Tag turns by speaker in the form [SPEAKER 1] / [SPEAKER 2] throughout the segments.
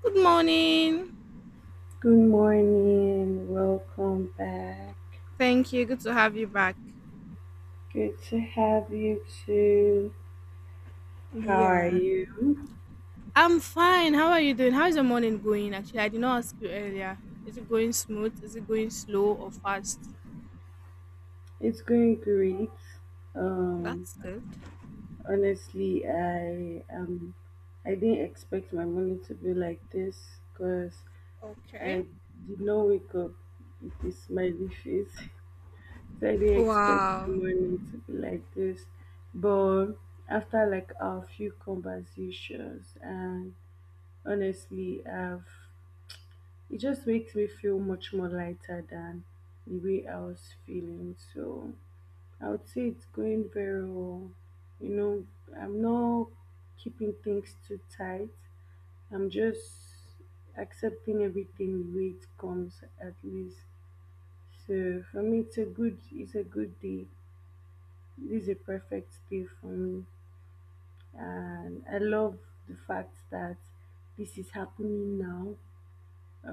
[SPEAKER 1] Good morning.
[SPEAKER 2] Good morning, welcome back.
[SPEAKER 1] Thank you. Good to have you back.
[SPEAKER 2] Good to have you too. How are
[SPEAKER 1] Yeah.
[SPEAKER 2] you?
[SPEAKER 1] I'm fine. How are you doing? How's your morning going? Actually, I did not ask you earlier. Is it going smooth? Is it going slow or fast?
[SPEAKER 2] It's going great. Um,
[SPEAKER 1] That's good.
[SPEAKER 2] Honestly, I didn't expect my morning to be like this because
[SPEAKER 1] Okay.
[SPEAKER 2] I did not wake up with this smiley face. So I didn't expect the
[SPEAKER 1] Wow.
[SPEAKER 2] morning to be like this. But after like a few conversations and honestly I've it just makes me feel much more lighter than the way I was feeling. So I would say it's going very well. You know, I'm not keeping things too tight. I'm just accepting everything the way it comes at least. So for me it's a good day. This is a perfect day for me. And I love the fact that this is happening now.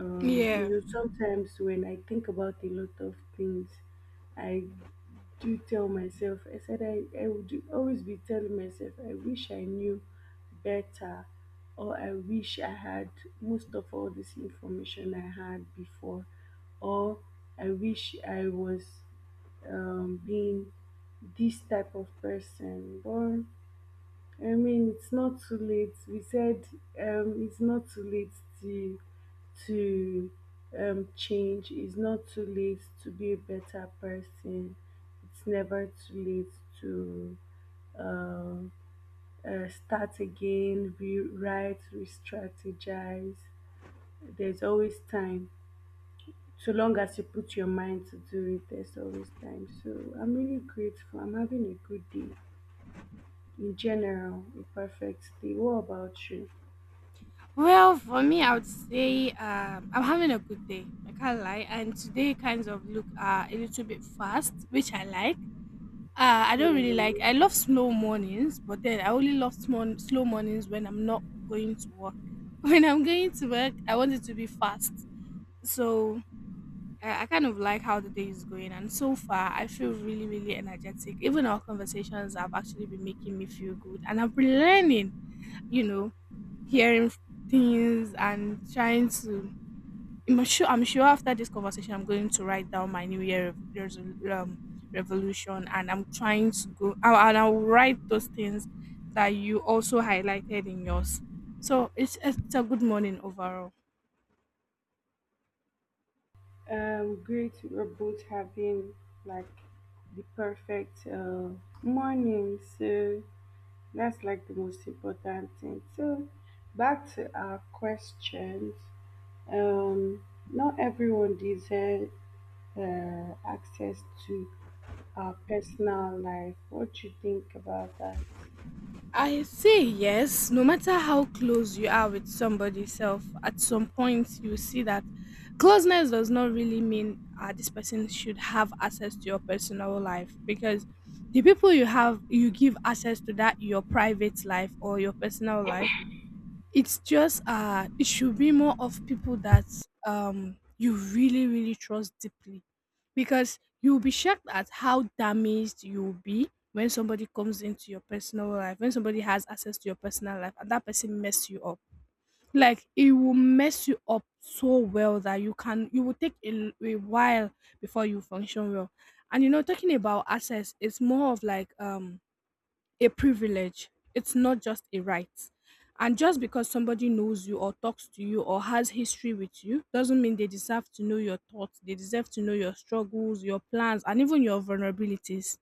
[SPEAKER 1] Yeah.
[SPEAKER 2] Sometimes when I think about a lot of things, I do tell myself, I would always be telling myself, I wish I knew better, or I wish I had most of all this information I had before, or I wish I was being this type of person. But I mean, it's not too late. We said it's not too late to to change. It's not too late to be a better person. It's never too late to um start again, rewrite, re-strategize. There's always time. So long as you put your mind to do it, there's always time. So I'm really grateful. I'm having a good day. In general, a perfect day. What about you?
[SPEAKER 1] Well, for me, I would say I'm having a good day. I can't lie. And today kind of look a little bit fast, which I like. Ah, I don't
[SPEAKER 2] Yeah.
[SPEAKER 1] really like. I love slow mornings, but then I only love small, slow mornings when I'm not going to work. When I'm going to work, I want it to be fast. So I kind of like how the day is going, and so far I feel really, really energetic. Even our conversations have actually been making me feel good, and I've been learning. You know, hearing things and trying to I'm sure after this conversation, I'm going to write down my New Year revolution, and I'm trying to go. And I'll write those things that you also highlighted in yours. So it's a good morning overall.
[SPEAKER 2] Great. We're both having like the perfect morning. So that's like the most important thing. So back to our questions. Um, Not everyone deserves access to our personal life. What do you think about that?
[SPEAKER 1] I say yes, no matter how close you are with somebody self, at some point you see that closeness does not really mean this person should have access to your personal life, because the people you give access to that, your private life or your personal life, it's just it should be more of people that you really, really trust deeply, because you'll be shocked at how damaged you'll be when somebody comes into your personal life, when somebody has access to your personal life and that person mess you up. Like it will mess you up so well that you will take a while before you function well. And you know, talking about access, it's more of like a privilege. It's not just a right. And just because somebody knows you or talks to you or has history with you doesn't mean they deserve to know your thoughts. They deserve to know your struggles, your plans, and even your vulnerabilities.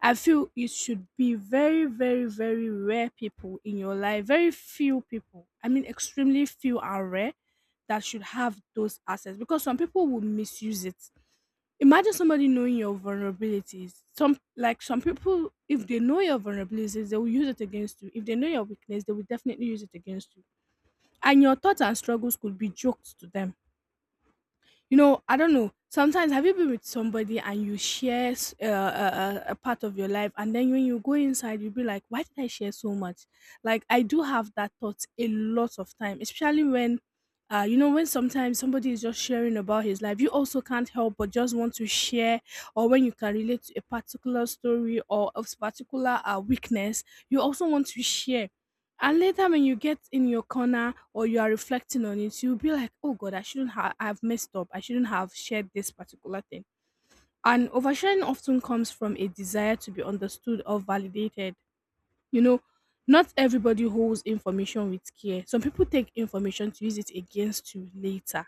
[SPEAKER 1] I feel it should be very, very, very rare people in your life, very few people. I mean, extremely few are rare that should have those assets, because some people will misuse it. Imagine somebody knowing your vulnerabilities. Some people, if they know your vulnerabilities, they will use it against you. If they know your weakness, they will definitely use it against you. And your thoughts and struggles could be joked to them. You know, I don't know, sometimes have you been with somebody and you share a part of your life, and then when you go inside you'll be like, why did I share so much? Like, I do have that thought a lot of time, especially when, you know, when sometimes somebody is just sharing about his life, you also can't help but just want to share, or when you can relate to a particular story or a particular weakness, you also want to share. And later, when you get in your corner or you are reflecting on it, you'll be like, oh God, I've messed up. I shouldn't have shared this particular thing. And oversharing often comes from a desire to be understood or validated. You know, not everybody holds information with care. Some people take information to use it against you later.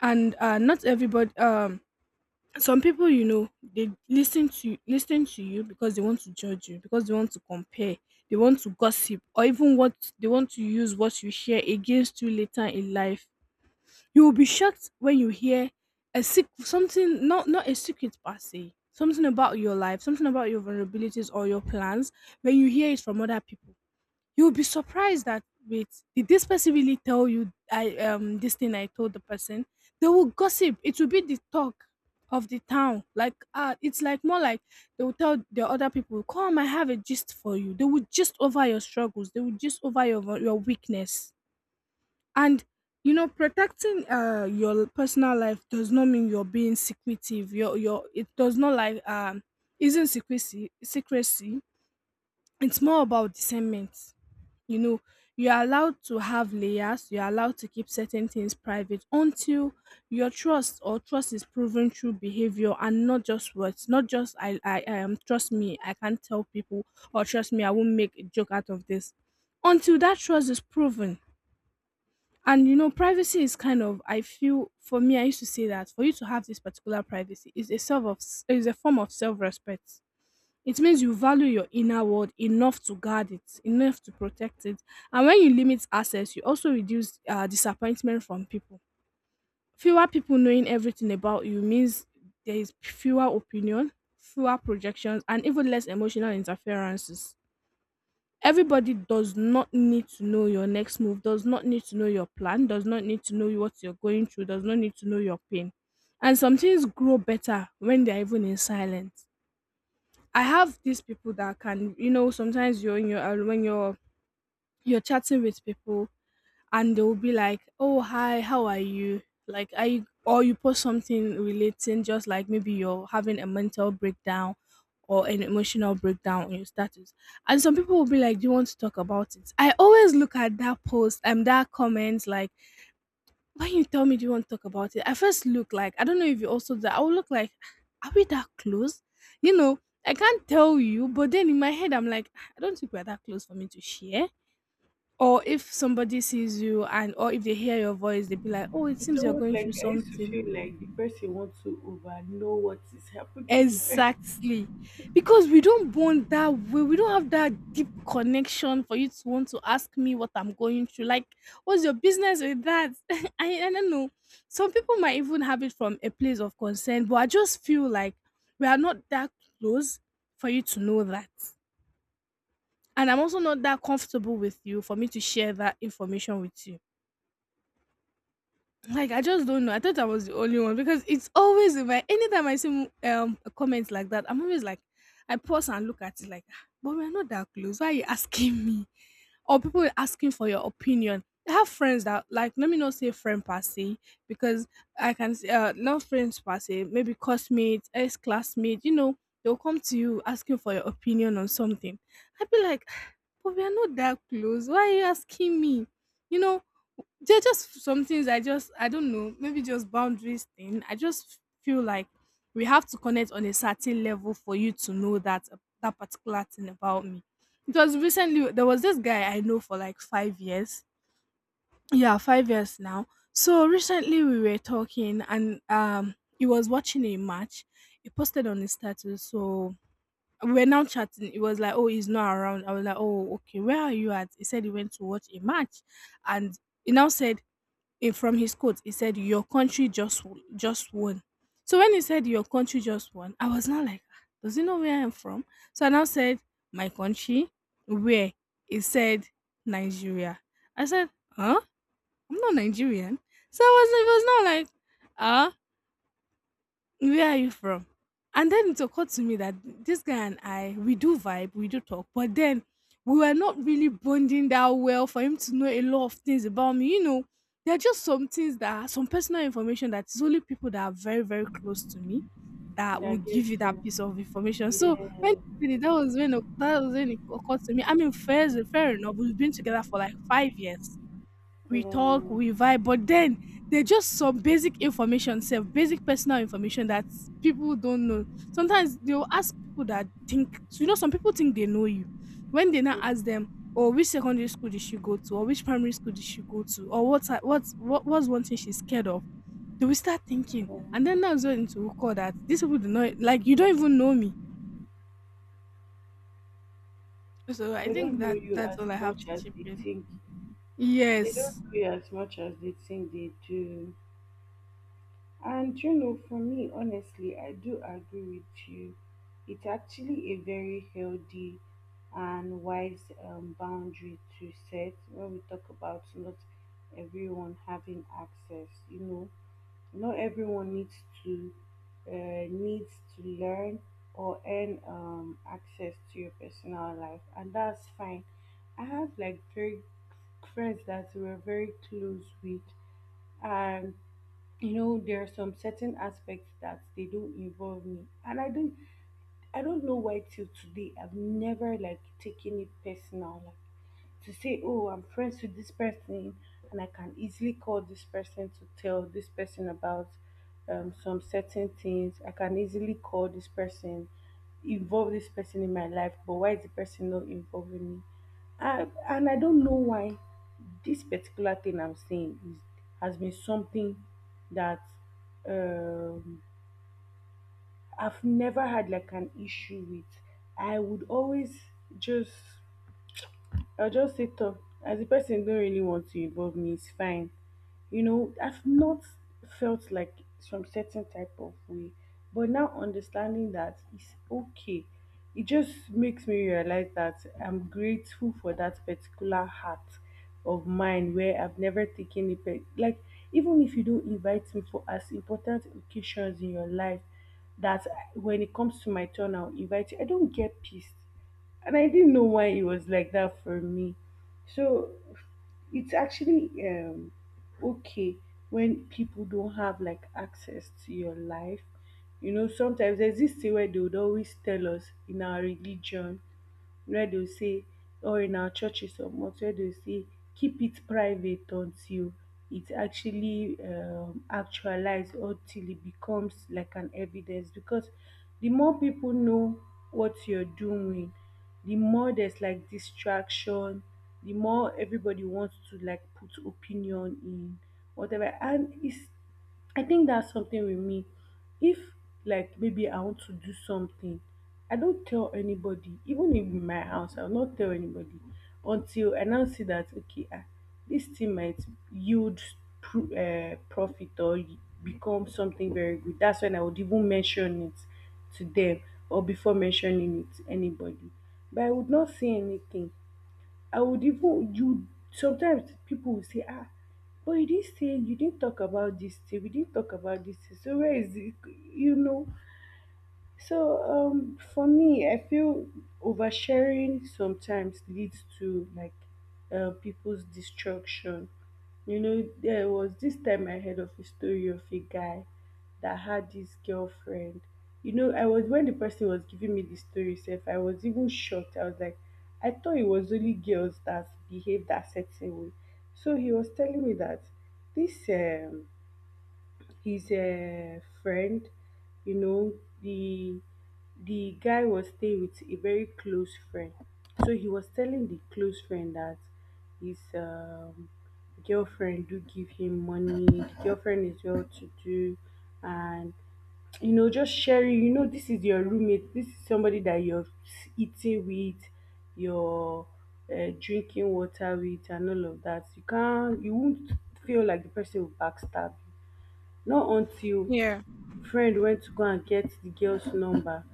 [SPEAKER 1] And not everybody, some people, you know, they listen to you because they want to judge you, because they want to compare, they want to gossip, or even what, they want to use what you share against you later in life. You will be shocked when you hear something, not a secret per se, something about your life, something about your vulnerabilities or your plans, when you hear it from other people. You'll be surprised that, wait, did this person really tell you? I This thing I told the person? They will gossip. It will be the talk of the town. Like, it's like more like they will tell the other people, come, I have a gist for you. They will gist over your struggles, they will gist over your weakness. And you know, protecting your personal life does not mean you're being secretive. Your it does not isn't secrecy. It's more about discernment. You know, you're allowed to have layers, you're allowed to keep certain things private until your trust or trust is proven through behavior and not just words, not just I trust me, I can't tell people, or trust me, I won't make a joke out of this. Until that trust is proven, and you know, privacy is kind of, I feel, for me, I used to say that for you to have this particular privacy is a self of is a form of self-respect. It means you value your inner world enough to guard it, enough to protect it. And when you limit access, you also reduce disappointment from people. Fewer people knowing everything about you means there is fewer opinion, fewer projections, and even less emotional interferences. Everybody does not need to know your next move, does not need to know your plan, does not need to know what you're going through, does not need to know your pain. And some things grow better when they're even in silence. I have these people that can, you know, sometimes you're in your when you're chatting with people, and they'll be like, "Oh, hi, how are you?" Like, are you, or you post something relating, just like maybe you're having a mental breakdown or an emotional breakdown on your status, and some people will be like, "Do you want to talk about it?" I always look at that post and that comment like, when you tell me, do you want to talk about it? I first look like, I don't know if you also do that. I will look like, are we that close? You know, I can't tell you, but then in my head, I'm like, I don't think we're that close for me to share. Or if somebody sees you and, or if they hear your voice, they'd be like, oh, it
[SPEAKER 2] It's
[SPEAKER 1] seems you're
[SPEAKER 2] almost
[SPEAKER 1] going through
[SPEAKER 2] like I used to
[SPEAKER 1] something.
[SPEAKER 2] feel like the person wants to over know what is happening in the bed
[SPEAKER 1] Exactly. Because we don't bond that way. We don't have that deep connection for you to want to ask me what I'm going through. Like, what's your business with that? I don't know. Some people might even have it from a place of concern, but I just feel like we are not that close for you to know that. And I'm also not that comfortable with you for me to share that information with you. Like, I just don't know. I thought I was the only one, because it's always in my, anytime I see a comment like that, I'm always like, I pause and look at it like, "Ah, but we're not that close. Why are you asking me?" Or people are asking for your opinion. I have friends that, like, let me not say friend per se, because I can say, not friends per se, maybe classmates, ex classmates, you know, they'll come to you asking for your opinion on something. I'd be like, "Ah, but we are not that close. Why are you asking me?" You know, there are just some things, I just, I don't know, maybe just boundaries thing. I just feel like we have to connect on a certain level for you to know that that particular thing about me. Because recently there was this guy I know for like 5 years. Yeah, 5 years now. So recently we were talking, and he was watching a match. He posted on his status. So we were now chatting. It was like, oh, he's not around. I was like, oh, okay, where are you at? He said he went to watch a match, and he now said, eh, from his quote, he said, "Your country just just won." So when he said, "Your country just won," I was not like, "Ah, does he know where I'm from?" So I now said, "My country." Where he said Nigeria. I said, "Huh? I'm not Nigerian." So I was, it was not like, "Ah, where are you from?" And then it occurred to me that this guy and I, we do vibe, we do talk, but then we were not really bonding that well for him to know a lot of things about me. You know, there are just some things that are some personal information that is only people that are very, very close to me that
[SPEAKER 2] that
[SPEAKER 1] would give
[SPEAKER 2] gets
[SPEAKER 1] you that
[SPEAKER 2] her.
[SPEAKER 1] piece of information. So when
[SPEAKER 2] Yeah.
[SPEAKER 1] he did it, that was when it occurred to me. I mean, fair enough. We've been together for like 5 years. We talk,
[SPEAKER 2] Yeah,
[SPEAKER 1] we vibe, but then there's just some basic information, self basic personal information that people don't know. Sometimes they'll ask people that think so you know, some people think they know you. When they now
[SPEAKER 2] yeah.
[SPEAKER 1] ask them, or which secondary school did she go to, or which primary school did she go to, or what's her- what's what was one thing she's scared of, they will start thinking. And then that's when it will call that these people do not like you don't even know me. So I
[SPEAKER 2] They
[SPEAKER 1] think
[SPEAKER 2] don't know
[SPEAKER 1] that
[SPEAKER 2] you
[SPEAKER 1] that's
[SPEAKER 2] as
[SPEAKER 1] all I have
[SPEAKER 2] much
[SPEAKER 1] to
[SPEAKER 2] as
[SPEAKER 1] chip
[SPEAKER 2] they
[SPEAKER 1] in.
[SPEAKER 2] think. They
[SPEAKER 1] Yes.
[SPEAKER 2] don't know you as much as they think they do. And you know, for me, honestly, I do agree with you. It's actually a very healthy and wise boundary to set when we talk about not everyone having access, you know. Not everyone needs to learn or earn access to your personal life, and that's fine. I have like very friends that we're very close with, and you know there are some certain aspects that they don't involve me, and I don't know why till today I've never like taken it personal. Like, to say, oh, I'm friends with this person, and I can easily call this person to tell this person about some certain things. I can easily call this person, involve this person in my life, but why is the person not involving me? And I don't know why this particular thing has been something that um, I've never had like an issue with. I would always just I'll just say tough. As the person don't really want to involve me, it's fine. You know, I've not felt like some certain type of way. But now understanding that it's okay. It just makes me realize that I'm grateful for that particular heart of mine where I've never taken it. Like, even if you don't invite me for as important occasions in your life, that when it comes to my turn, I'll invite you. I don't get pissed and I didn't know why it was like that for me. So it's actually okay when people don't have like access to your life. You know, sometimes there's this thing where they would always tell us in our religion where dey will say or in our churches or mosque where they will say keep it private until it actually actualize or till it becomes like an evidence because the more people know what you're doing, the more there's like distraction, the more everybody wants to like put opinion in whatever, and it's I think that's something with me. If like maybe I want to do something, I don't tell anybody, even in my house, I'll not tell anybody until I now see that okay, ah, this thing might yield profit or become something very good. That's when I would even mention it to them or before mentioning it to anybody. But I would not say anything. I would even you sometimes people will say, ah, but you didn't say you didn't talk about this thing, we didn't talk about this thing. So where is it? You know, for me, I feel oversharing sometimes leads to like people's destruction. You know, there was this time I heard of a story of a guy that had this girlfriend. You know, I was when the person was giving me the story, self, I was even shocked. I was like, I thought it was only girls that behave that certain way. So he was telling me that this his friend, you know, the the guy was staying with a very close friend, so he was telling the close friend that his girlfriend do give him money, the girlfriend is well to do. And you know, just sharing, you know, this is your roommate, this is somebody that you're eating with, you're drinking water with, and all of that. You can't, you won't feel like the person will backstab you. Not until
[SPEAKER 1] Yeah.
[SPEAKER 2] friend went to go and get the girl's number,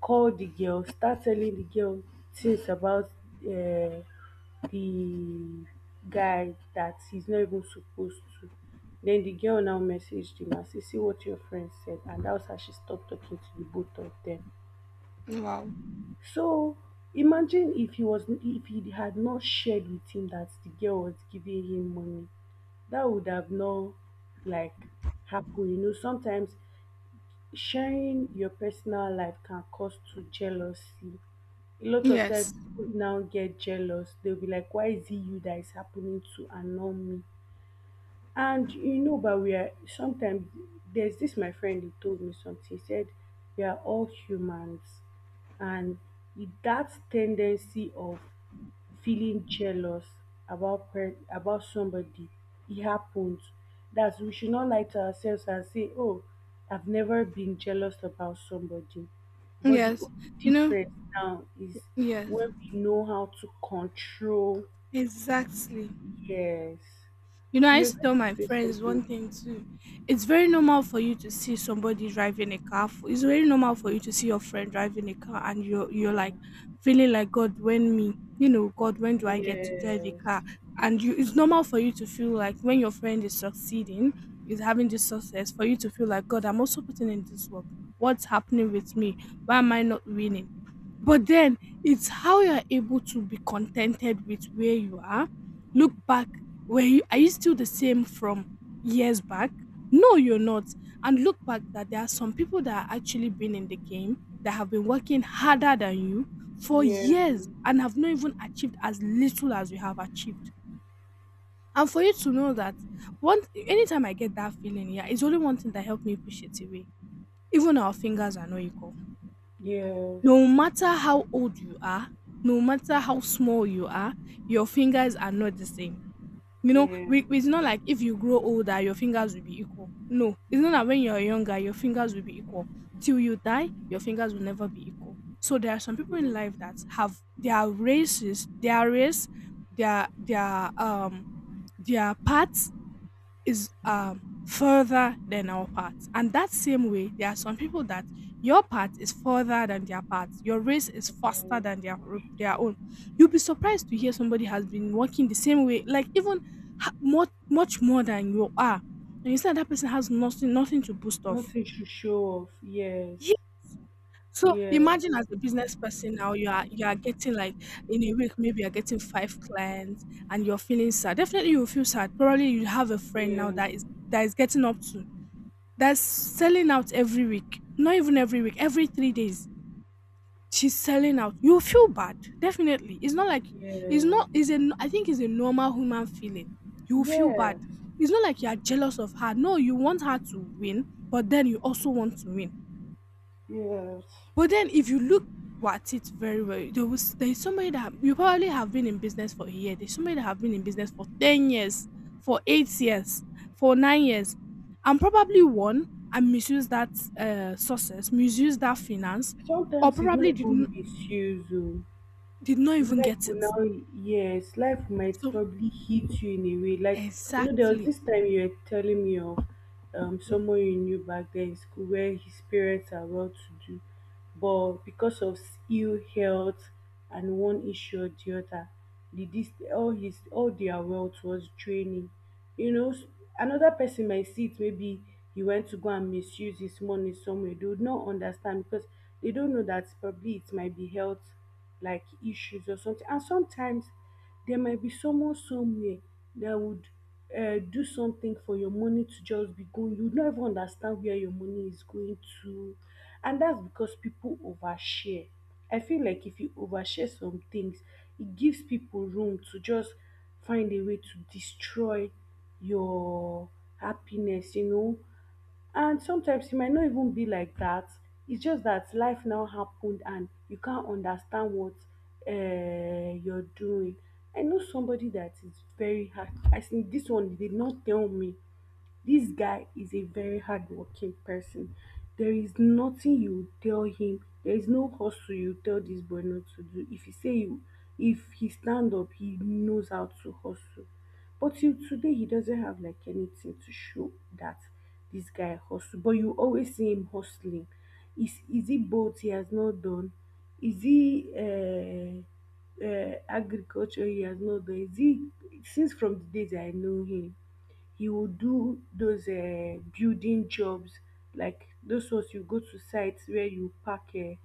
[SPEAKER 2] call the girl, start telling the girl things about um the guy that he's not even supposed to. Then the girl now messaged him and said, see what your friend said, and that was how she stopped talking to the both of them.
[SPEAKER 1] Wow.
[SPEAKER 2] So imagine if he was if he had not shared with him that the girl was giving him money, that would have not like happened. You know sometimes sharing your personal life can cause to jealousy. A lot of times
[SPEAKER 1] Yes.
[SPEAKER 2] people now get jealous, they'll be like why is it you that is happening to and not me. And you know, but we are sometimes there's this my friend he told me something. He said we are all humans, and that tendency of feeling jealous about somebody, it happens. That we should not lie to ourselves and say, "Oh, I've never been jealous about somebody." But the
[SPEAKER 1] Yes.
[SPEAKER 2] only
[SPEAKER 1] You know,
[SPEAKER 2] difference now is
[SPEAKER 1] yes,
[SPEAKER 2] when we know how to control.
[SPEAKER 1] exactly.
[SPEAKER 2] Yes,
[SPEAKER 1] You know, I
[SPEAKER 2] you're
[SPEAKER 1] used to tell
[SPEAKER 2] going
[SPEAKER 1] my
[SPEAKER 2] to say
[SPEAKER 1] friends one
[SPEAKER 2] something.
[SPEAKER 1] thing too. It's very normal for you to see somebody driving a car. It's very normal for you to see your friend driving a car and you're
[SPEAKER 2] Yeah.
[SPEAKER 1] like feeling like God, when me, you know, God, when do I get to drive a
[SPEAKER 2] Yes.
[SPEAKER 1] car? And you it's normal for you to feel like when your friend is succeeding, is having this success, for you to feel like God, I'm also putting in this work. What's happening with me? Why am I not winning? But then it's how you're able to be contented with where you are, look back, were you, are you still the same from years back? No, you're not. And look back that there are some people that are actually been in the game that have been working harder than you for
[SPEAKER 2] Yeah.
[SPEAKER 1] years and have not even achieved as little as you have achieved. And for you to know that one, anytime I get that feeling, yeah, it's only one thing that helped me push it away. Even our fingers are not equal.
[SPEAKER 2] Yes.
[SPEAKER 1] No matter how old you are, no matter how small you are, your fingers are not the same. You know,
[SPEAKER 2] Yeah.
[SPEAKER 1] we, it's not like if you grow older, your fingers will be equal. No, it's not that when you're younger, your fingers will be equal. Till you die, your fingers will never be equal. So there are some people in life
[SPEAKER 2] Yes.
[SPEAKER 1] that have their races, their race, their their part is further than our part. And that same way, there are some people that your part is further than their part. Your race is faster than
[SPEAKER 2] Yes.
[SPEAKER 1] their own. You'll be surprised to hear somebody has been working the same way, like even more, much more than you are. And you said that person has nothing to boost off.
[SPEAKER 2] Nothing should show off. Yes.
[SPEAKER 1] Yeah. So imagine
[SPEAKER 2] Yes.
[SPEAKER 1] as a business person now, you are getting like in a week maybe you're getting five clients and you're feeling sad. Definitely you will feel sad. Probably you have a friend now
[SPEAKER 2] Yeah.
[SPEAKER 1] that is getting up to that's selling out every week. Not even every week, every 3 days. She's selling out. You feel bad, definitely. It's not like it's
[SPEAKER 2] Yes.
[SPEAKER 1] not. Is a I think it's a normal human feeling. You feel bad.
[SPEAKER 2] Yes.
[SPEAKER 1] It's not like you are jealous of her. No, you want her to win, but then you also want to win,
[SPEAKER 2] Yes.
[SPEAKER 1] but then if you look at it very well, there is somebody that you probably have been in business for a year. There's somebody that have been in business for 10 years, for 8 years, for 9 years, and probably one and misuse that success, misuse that finance, or
[SPEAKER 2] Sometimes it's not
[SPEAKER 1] probably
[SPEAKER 2] even misused. Oh.
[SPEAKER 1] did not even
[SPEAKER 2] Life
[SPEAKER 1] get it.
[SPEAKER 2] will now yes, life might
[SPEAKER 1] So
[SPEAKER 2] probably hit you in a way. Like you know, there was
[SPEAKER 1] exactly,
[SPEAKER 2] this time you were telling me of someone you knew back then in school where his parents are well to do but because of ill health and one issue or the other, the this all their wealth was draining. You know, another person might see it maybe he went to go and misuse his money somewhere. They would not understand because they don't know that probably it might be health like issues or something. And sometimes there might be someone somewhere that would do something for your money to just be going. You don't even understand where your money is going to. And that's because people overshare. I feel like if you overshare some things, it gives people room to just find a way to destroy your happiness, you know, and sometimes e might no even be like dat, its just dat life now happened and you cant understand what youre doing. I know somebody that is very hard as in this one dey no tell me. This guy is a very hardworking person. There is nothing you tell him. There is no hustle you tell this boy not to do. If he say you, if he stand up, he knows how to hustle. But till today, he doesn't have like anything to show that this guy hustle. But you always see him hustling. Is he both he has not done? Is he agriculture he has not done? Is he since from the days I know him? He will do those building jobs like those ones you go to site where you pack um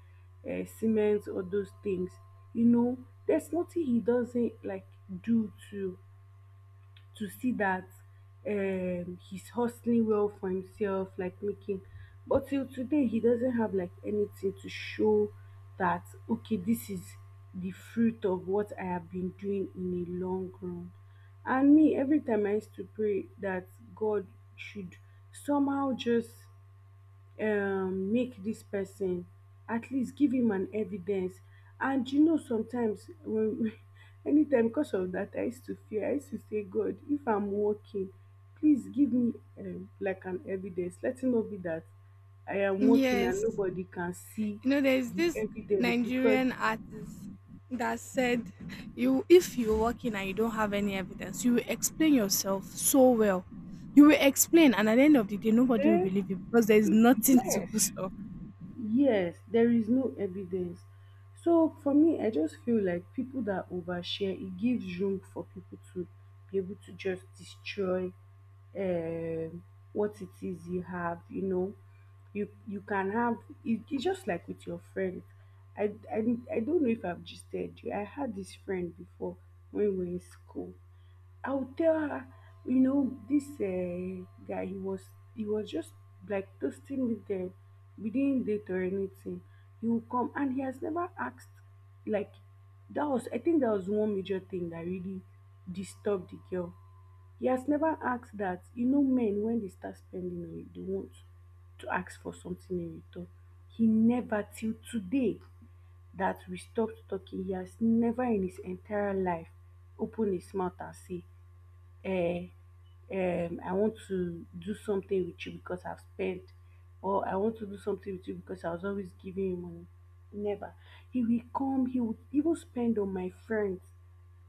[SPEAKER 2] um cement all those things. You know, there's nothing he doesn't like do to see that he's hustling well for himself, like making but till today he doesn't have like anything to show that okay, this is the fruit of what I have been doing in a long run. And me, every time I used to pray that God should somehow just make dis person at least give him an evidence. And you know sometimes when anytime because of that I used to fear, I used to say god if I'm walking, please give me like an evidence. Let it not be that I am walking and
[SPEAKER 1] yes.
[SPEAKER 2] nobody can see
[SPEAKER 1] You know, there's
[SPEAKER 2] the
[SPEAKER 1] this
[SPEAKER 2] evidence because
[SPEAKER 1] Nigerian artist that said, "You, if you're working and you don't have any evidence, you will explain yourself so well. You will explain, and at the end of the day, nobody will
[SPEAKER 2] eh,
[SPEAKER 1] believe you because there is nothing to
[SPEAKER 2] yes
[SPEAKER 1] boost up."
[SPEAKER 2] Yes, there is no evidence. So for me, I just feel like people that overshare, it gives room for people to be able to just destroy um what it is you have. You know, you can have it, it's just like with your friends. I, I I don't know if I've just said you. I had this friend before when we were in school. I would tell her, you know, this guy, he was just like toasting me there. We didn't date or anything. He will come and he has never asked, like, that was, I think that was one major thing that really disturbed the girl. He has never asked that, you know, men when they start spending on you, they want to ask for something in return. He never till today that we stopped talking, he has never in his entire life opened his mouth and say uh, I want to do something with you because I've spent, or I want to do something with you because I was always giving you money. Never. He will come, he would even spend on my friends.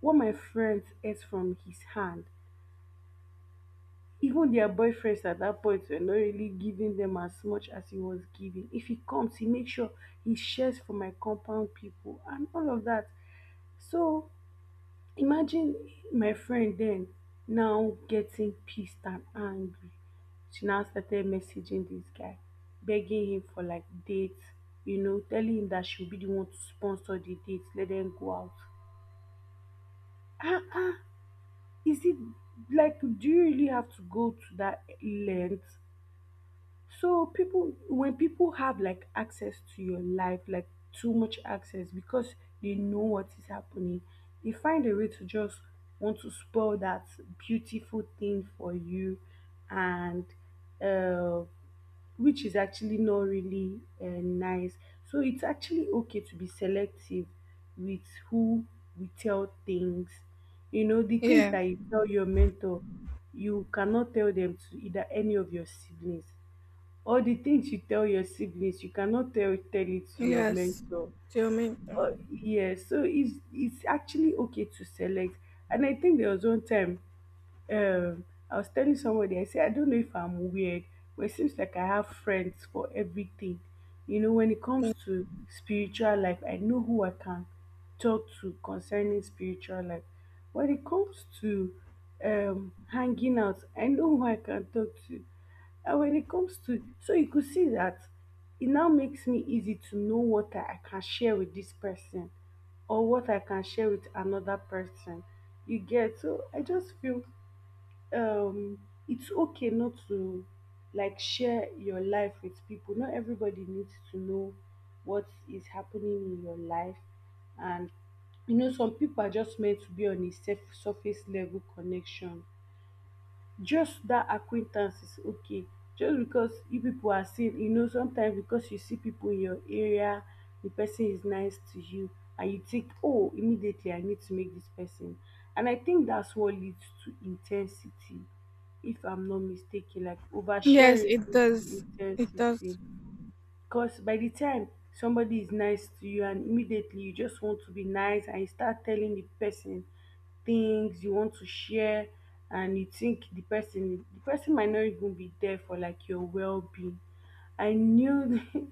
[SPEAKER 2] What my friends ate from his hand. Even their boyfriends at that point were not really giving them as much as he was giving. If he comes, he makes sure he shares for my compound people and all of that. So imagine my friend then now getting pissed and angry. She now started messaging this guy, begging him for like dates, you know, telling him that she'll be the one to sponsor the dates, let them go out. Ah ah, is it like do you really have to go to that length? So people, when people have like access to your life, like too much access because they know what is happening, they find a way to just want to spoil that beautiful thing for you, and uh, which is actually not really nice. So it's actually okay to be selective with who we tell things. You know, the things
[SPEAKER 1] Yeah.
[SPEAKER 2] that you tell your mentor, you cannot tell them to either any of your siblings, or the things you tell your siblings, you cannot tell it to your
[SPEAKER 1] Yes.
[SPEAKER 2] mentor.
[SPEAKER 1] Geometer.
[SPEAKER 2] Or yeah, so it's actually okay to select. And I think there was one time, um, I was telling somebody, I said, I don't know if I'm weird, but it seems like I have friends for everything. You know, when it comes to spiritual life, I know who I can talk to concerning spiritual life. When it comes to hanging out, I know who I can talk to. And when it comes to, so you could see that it now makes me easy to know what I can share with this person or what I can share with another person. You get? So I just feel um it's okay not to like share your life with people. Not everybody needs to know what is happening in your life. And you know some people are just meant to be on a surface level connection. Just that acquaintance is okay. Just because you people are seen, you know, sometimes because you see people in your area, the person is nice to you, and you think, oh, immediately I need to make this person. And I think that's what leads to intensity, if I'm not mistaken, like
[SPEAKER 1] Yes,
[SPEAKER 2] oversharing
[SPEAKER 1] it
[SPEAKER 2] to
[SPEAKER 1] does. It does.
[SPEAKER 2] intensity. Because by the time somebody is nice to you and immediately you just want to be nice and you start telling the person things you want to share, and you think the person might not even be there for like your well-being. I knew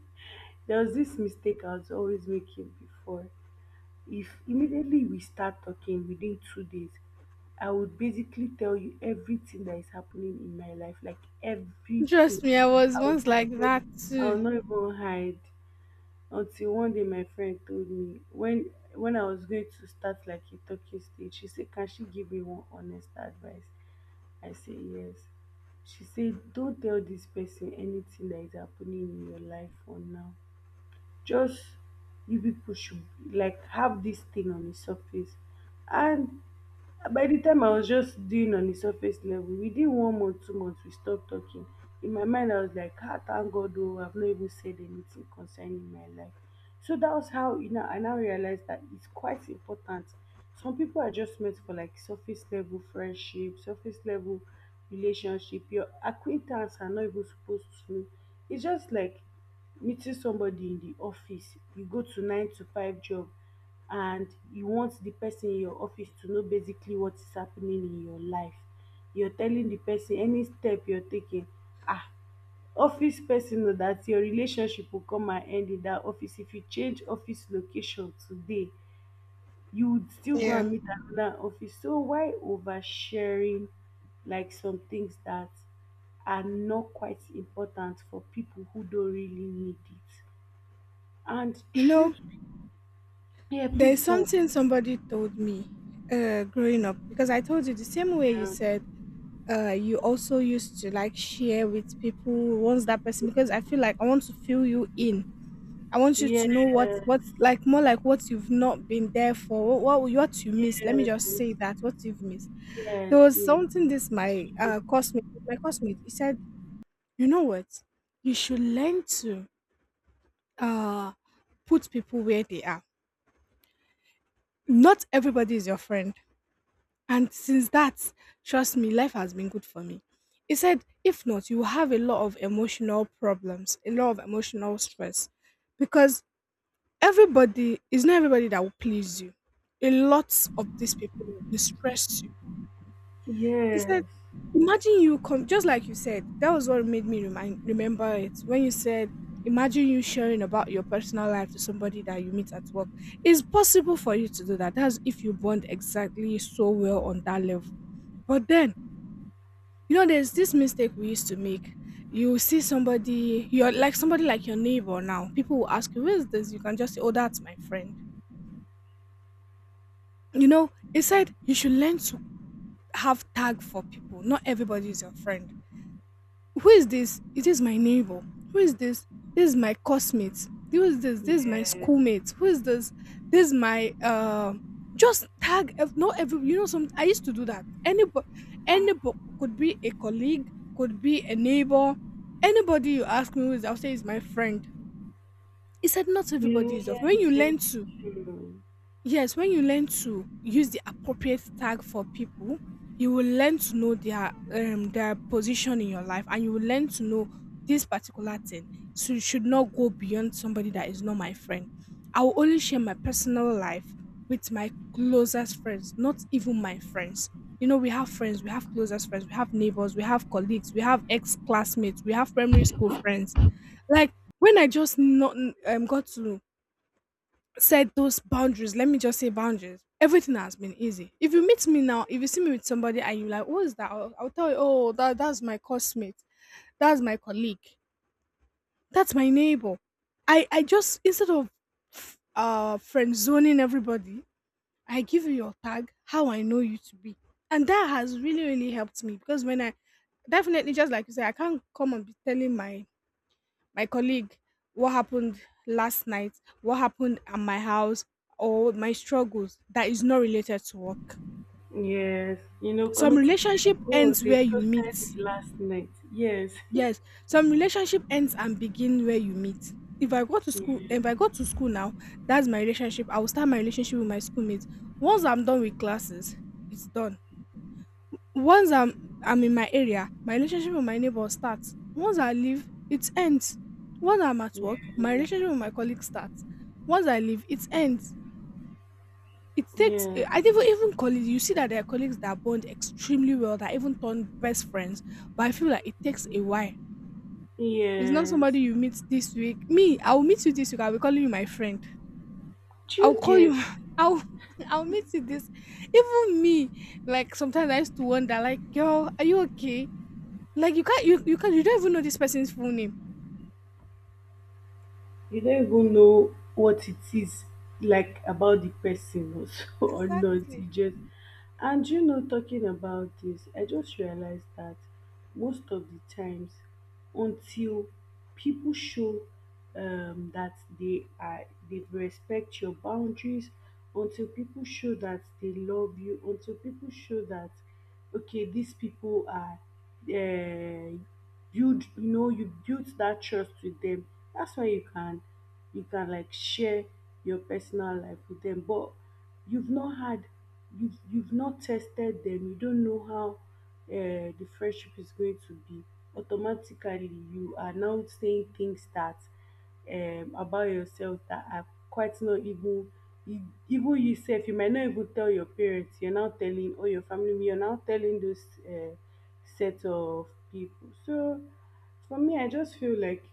[SPEAKER 2] there was this mistake I was always making before. If immediately we start talking, within 2 days, I would basically tell you everything that is happening in my life, like
[SPEAKER 1] Trust me, I
[SPEAKER 2] everything.
[SPEAKER 1] was
[SPEAKER 2] I would
[SPEAKER 1] once
[SPEAKER 2] not
[SPEAKER 1] like that
[SPEAKER 2] even, I will
[SPEAKER 1] too.
[SPEAKER 2] not even hide. Until one day my friend told me, when I was going to start like a talking stage, she said can she give me one honest advice. I said yes. She said don't tell this person anything that is happening in your life for now. Just, you people should like have this thing on the surface. And by the time I was just doing on the surface level, within 1 month, 2 months, we stopped talking. In my mind, I was like, ah, thank God, oh, I've not even said anything concerning my life. So that was how, you know, I now realized that it's quite important. Some people are just meant for like surface level friendship, surface level relationship. Your acquaintance are not even supposed to know. It's just like meeting somebody in the office you go to, nine to five job, and you want the person in your office to know basically what is happening in your life. You're telling the person any step you're taking. Ah, office person, know that your relationship will come and end in that office. If you change office location today, you would still go
[SPEAKER 1] Yeah.
[SPEAKER 2] and meet another office. So why oversharing like some things that are not quite important for people who don't really need it? And
[SPEAKER 1] You know,
[SPEAKER 2] truth, yeah,
[SPEAKER 1] there's
[SPEAKER 2] please go.
[SPEAKER 1] something somebody told me growing up because I told you the same way you
[SPEAKER 2] Yeah,
[SPEAKER 1] said you also used to like share with people once that person because I feel like I want to fill you in, I want you
[SPEAKER 2] yes,
[SPEAKER 1] to know what
[SPEAKER 2] yes,
[SPEAKER 1] what's like more like what you've not been there for, what you missed, let me just say that what you've missed.
[SPEAKER 2] yes,
[SPEAKER 1] There was
[SPEAKER 2] yes,
[SPEAKER 1] something this my
[SPEAKER 2] true.
[SPEAKER 1] cosmate he said, you know what, you should learn to uh put people where they are, not everybody is your friend. And since that, trust me, life has been good for me. He said, if not, you will have a lot of emotional problems, a lot of emotional stress. Because everybody is not everybody that will please you. A lot of these people will stress. He said,
[SPEAKER 2] Yes,
[SPEAKER 1] "Imagine you come just like you said, that was what made me remind remember it when you said, imagine you sharing about your personal life to somebody that you meet at work. It's possible for you to do that. That's if you bond exactly so well on that level. But then, you know, there's this mistake we used to make. You see somebody, you're like somebody like your neighbor now. People will ask you, who is this? You can just say, oh, that's my friend. You know, he said you should learn to have tag for people. Not everybody is your friend. Who is this? It is my neighbor. Who is this? This is my classmate. Who is this? This is my
[SPEAKER 2] yes,
[SPEAKER 1] schoolmate. Who is this? This is my just tag not every, you know some I used to do that. Anybody, anybody could be a colleague, could be a neighbor. Anybody you ask me who is, I'll say is my friend. He said not
[SPEAKER 2] yeah,
[SPEAKER 1] everybody is your friend.
[SPEAKER 2] yes,
[SPEAKER 1] When you learn to,
[SPEAKER 2] genuine true.
[SPEAKER 1] yes, when you learn to use the appropriate tag for people, you will learn to know their their position in your life, and you will learn to know this particular thing. So you should not go beyond somebody that is not my friend. I will only share my personal life with my closest friends, not even my friends. You know, we have friends, we have closest friends, we have neighbors, we have colleagues, we have ex classmates, we have primary school friends. Like when I just not got to set those boundaries. Let me just say boundaries. Everything has been easy. If you meet me now, if you see me with somebody and you like, who is that? I'll tell you, oh, that's my cosmate, that's my colleague, that's my neighbor. I just instead of friend zoning everybody, I give you your tag, how I know you to be, and that has really really helped me because when I definitely just like you say, I can't come and be telling my colleague what happened last night, what happened at my house, or my struggles that is not related to work.
[SPEAKER 2] Yes, you know,
[SPEAKER 1] Some
[SPEAKER 2] coming to Perry,
[SPEAKER 1] relationship
[SPEAKER 2] oh,
[SPEAKER 1] ends
[SPEAKER 2] they
[SPEAKER 1] where you
[SPEAKER 2] toasted
[SPEAKER 1] meet,
[SPEAKER 2] me last night. Yes.
[SPEAKER 1] yes some relationship ends and begin where you meet. If I go to school If I go to school now, that's my relationship, I will start my relationship with my schoolmates. Once I'm done with classes, it's done. Once I'm in my area, my relationship with my neighbor starts. Once I leave, it ends. Once I'm at work, my
[SPEAKER 2] Yeah.
[SPEAKER 1] relationship with my colleagues starts. Once I leave, it ends. It takes
[SPEAKER 2] Yes,
[SPEAKER 1] I even even colleagues, you see that there are colleagues that bond extremely well, that even turn best friends. But I feel like it takes a while. It's not
[SPEAKER 2] yes.
[SPEAKER 1] somebody you meet this week. Me, I'll meet you this week, I'll be calling you my friend.
[SPEAKER 2] Do
[SPEAKER 1] I'll
[SPEAKER 2] you
[SPEAKER 1] call you
[SPEAKER 2] get?
[SPEAKER 1] I'll I'll meet you this, even me. Like sometimes I used to wonder, like, girl, are you okay? Like you can't you don't even know this person's full name.
[SPEAKER 2] You don't even know what it is like about the person or so, or not.
[SPEAKER 1] Exactly.
[SPEAKER 2] You just, and you know, talking about this, I just realized that most of the times, until people show that they respect your boundaries, until people show that they love you, until people show that okay, these people are uh, you know you built that trust with them, that's where you can like share your personal life with them. But you've not had, you've not tested them, you don't know how the friendship is going to be. Automatically you are now saying things that, about yourself that are quite not even you, even yourself you might not even tell your parents, you're now telling, or your family you're now telling those, set of people. So for me, I just feel like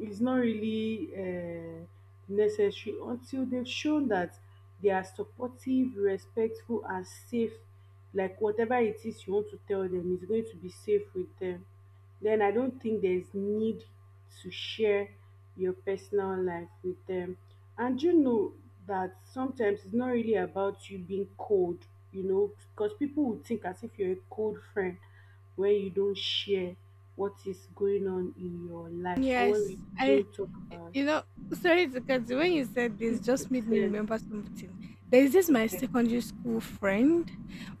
[SPEAKER 2] is not really necessary until they've shown that they are supportive, respectful, and safe. Like whatever it is you want to tell them is going to be safe with them. Then I don't think there's need to share your personal life with them. And you know that sometimes it's not really about you being cold, you know, because people would think as if you're a cold friend when you don't share what is going on in your life, or when we
[SPEAKER 1] Yes, I.
[SPEAKER 2] don't talk about
[SPEAKER 1] You know, sorry to cut you. When you said
[SPEAKER 2] it.
[SPEAKER 1] this,
[SPEAKER 2] Please
[SPEAKER 1] just made me
[SPEAKER 2] listen.
[SPEAKER 1] remember something. There is this my secondary school friend.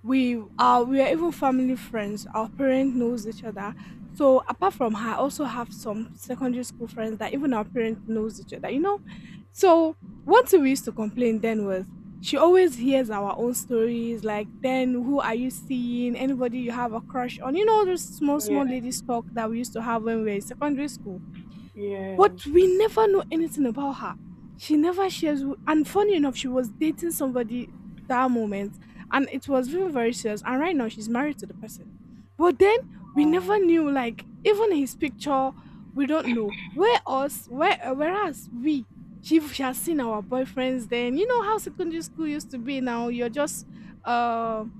[SPEAKER 1] We are even family friends. Our parent knows each other. So apart from her, I also have some secondary school friends that even our parent knows each other. You know, so one thing we used to complain then was she always hears our own stories. Like then, who are you seeing? Anybody you have a crush on? You know, all those small
[SPEAKER 2] Yeah,
[SPEAKER 1] small ladies talk that we used to have when we were in secondary school.
[SPEAKER 2] yes.
[SPEAKER 1] But we never know anything about her. She never shares. And funny enough, she was dating somebody that moment, and it was very, very serious. And right now, she's married to the person. But then we never knew,
[SPEAKER 2] Um,
[SPEAKER 1] like, even his picture, we don't know. Whereas we, she has seen our boyfriends then. You know how secondary school used to be now? You're just, um,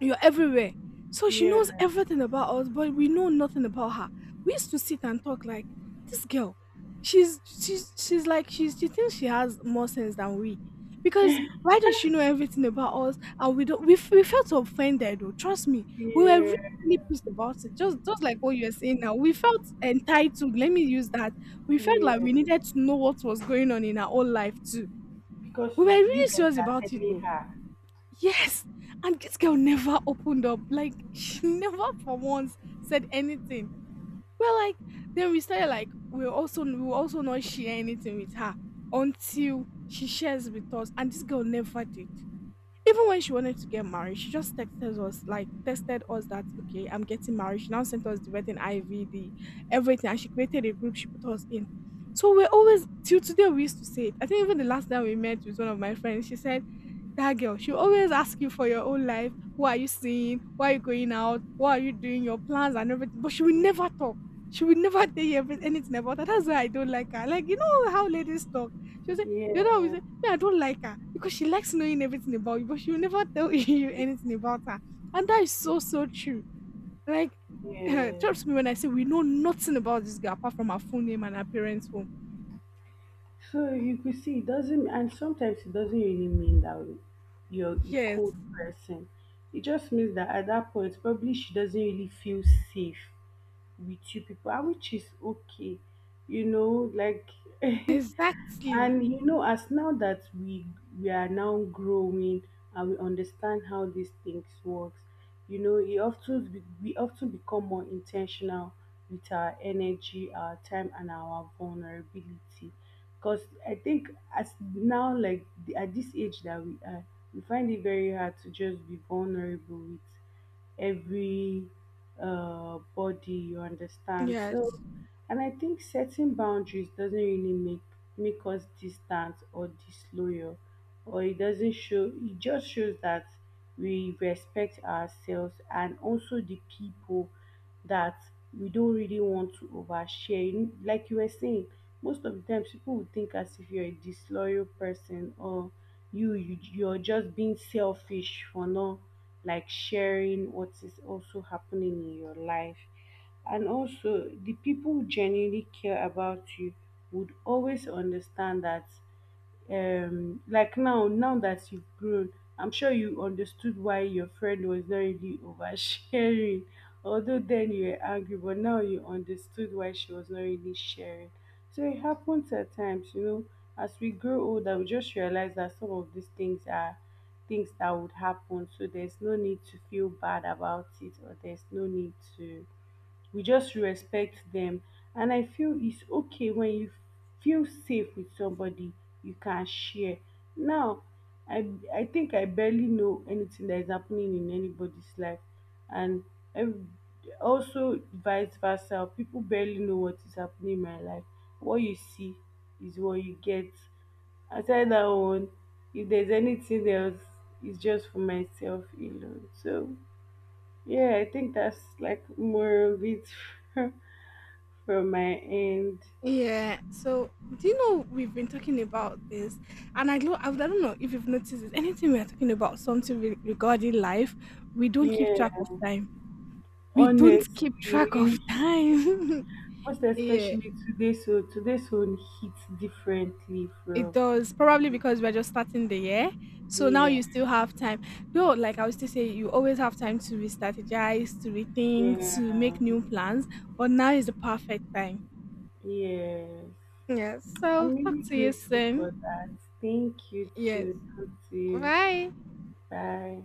[SPEAKER 1] you're everywhere. So she
[SPEAKER 2] yeah,
[SPEAKER 1] knows everything about us, but we know nothing about her. We used to sit and talk like this girl. She thinks she has more sense than we, because why does she know everything about us and we don't? We, we felt offended. Though. Trust me, we were really,
[SPEAKER 2] yeah,
[SPEAKER 1] really pissed about it. Just like what you're saying now, we felt entitled. Let me use that. We felt like
[SPEAKER 2] yeah.
[SPEAKER 1] we needed to know what was going on in our own life too.
[SPEAKER 2] Because
[SPEAKER 1] We were
[SPEAKER 2] you
[SPEAKER 1] really
[SPEAKER 2] can
[SPEAKER 1] serious about it
[SPEAKER 2] really
[SPEAKER 1] though.
[SPEAKER 2] have.
[SPEAKER 1] Yes, and this girl never opened up. Like she never for once said anything. Well, like, then we started like we also we will also not share anything with her until she shares with us. And this girl never did. Even when she wanted to get married, she just texted us that okay, I'm getting married. She now sent us the wedding IV, the everything, and she created a group. She put us in. So we're always till today we used to say it. I think even the last time we met with one of my friends, she said that girl, she always ask you for your own life. What are you seeing? Why are you going out? What are you doing? Your plans and everything. But she will
[SPEAKER 2] Yeah,
[SPEAKER 1] never talk. She will never tell you anything about her. That's why I don't like her. Like, you know how ladies talk. She'll say, you know, we say,
[SPEAKER 2] yeah,
[SPEAKER 1] me, I don't like her because she likes knowing everything about you, but she will never tell you anything about her. And that is so, so true. Like,
[SPEAKER 2] yeah.
[SPEAKER 1] trust me when I say we know nothing about this girl apart from her full name and her parents' home.
[SPEAKER 2] So you could see it doesn't, and sometimes it doesn't really mean that you're a
[SPEAKER 1] Yes,
[SPEAKER 2] cold person. It just means that at that point, probably she doesn't really feel safe with you people, and which is okay, you know, like.
[SPEAKER 1] exactly.
[SPEAKER 2] And you know, as now that we are now growing and we understand how these things works, you know, it often we often become more intentional with our energy, our time, and our vulnerability. Because I think as now, like at this age that we are, we find it very hard to just be vulnerable with every body, you understand. So,
[SPEAKER 1] Yes.
[SPEAKER 2] and I think setting boundaries doesn't really make us distant or disloyal, or it doesn't show, it just shows that we respect ourselves and also the people that we don't really want to overshare. You Like you were saying, most of the times people will think as if you're a disloyal person, or you, you're just being selfish for not like sharing what is also happening in your life. And also the people who genuinely care about you would always understand that, like now, that you've grown, I'm sure you understood why your friend was not really oversharing. Although then you were angry, but now you understood why she was not really sharing. So it happens at times, you know, as we grow older we just realize that some of these things are things that would happen. So there's no need to feel bad about it, or there's no need to, we just respect them. And I feel it's okay. When you feel safe with somebody, you can share. Now, i I think I barely know anything that is happening in anybody's life, and ev- also vice versa, people barely know what is happening in my life. What you see is what you get. Aside that one, if there's anything else, it's just for myself alone. So yeah, I think that's like more of it. From my end.
[SPEAKER 1] Yeah. So, do you know we've been talking about this, and I don't know if you've noticed it. Anything we are talking about something regarding life, we don't keep
[SPEAKER 2] Yeah,
[SPEAKER 1] track of time. We don't keep track of
[SPEAKER 2] honestly,
[SPEAKER 1] time.
[SPEAKER 2] most
[SPEAKER 1] Yeah,
[SPEAKER 2] especially today's one hits differently
[SPEAKER 1] it
[SPEAKER 2] from
[SPEAKER 1] does probably because we're just starting the year. So now
[SPEAKER 2] yeah,
[SPEAKER 1] you still have time. Though, like I was to say, you always have time to re-strategize, to rethink, to
[SPEAKER 2] yeah,
[SPEAKER 1] make new plans. But now is the perfect time.
[SPEAKER 2] yes.
[SPEAKER 1] Yeah. So
[SPEAKER 2] I'm
[SPEAKER 1] talk
[SPEAKER 2] really
[SPEAKER 1] to you
[SPEAKER 2] grateful
[SPEAKER 1] soon.
[SPEAKER 2] for that. Thank you
[SPEAKER 1] Yes.
[SPEAKER 2] to, you.
[SPEAKER 1] Bye.
[SPEAKER 2] Bye.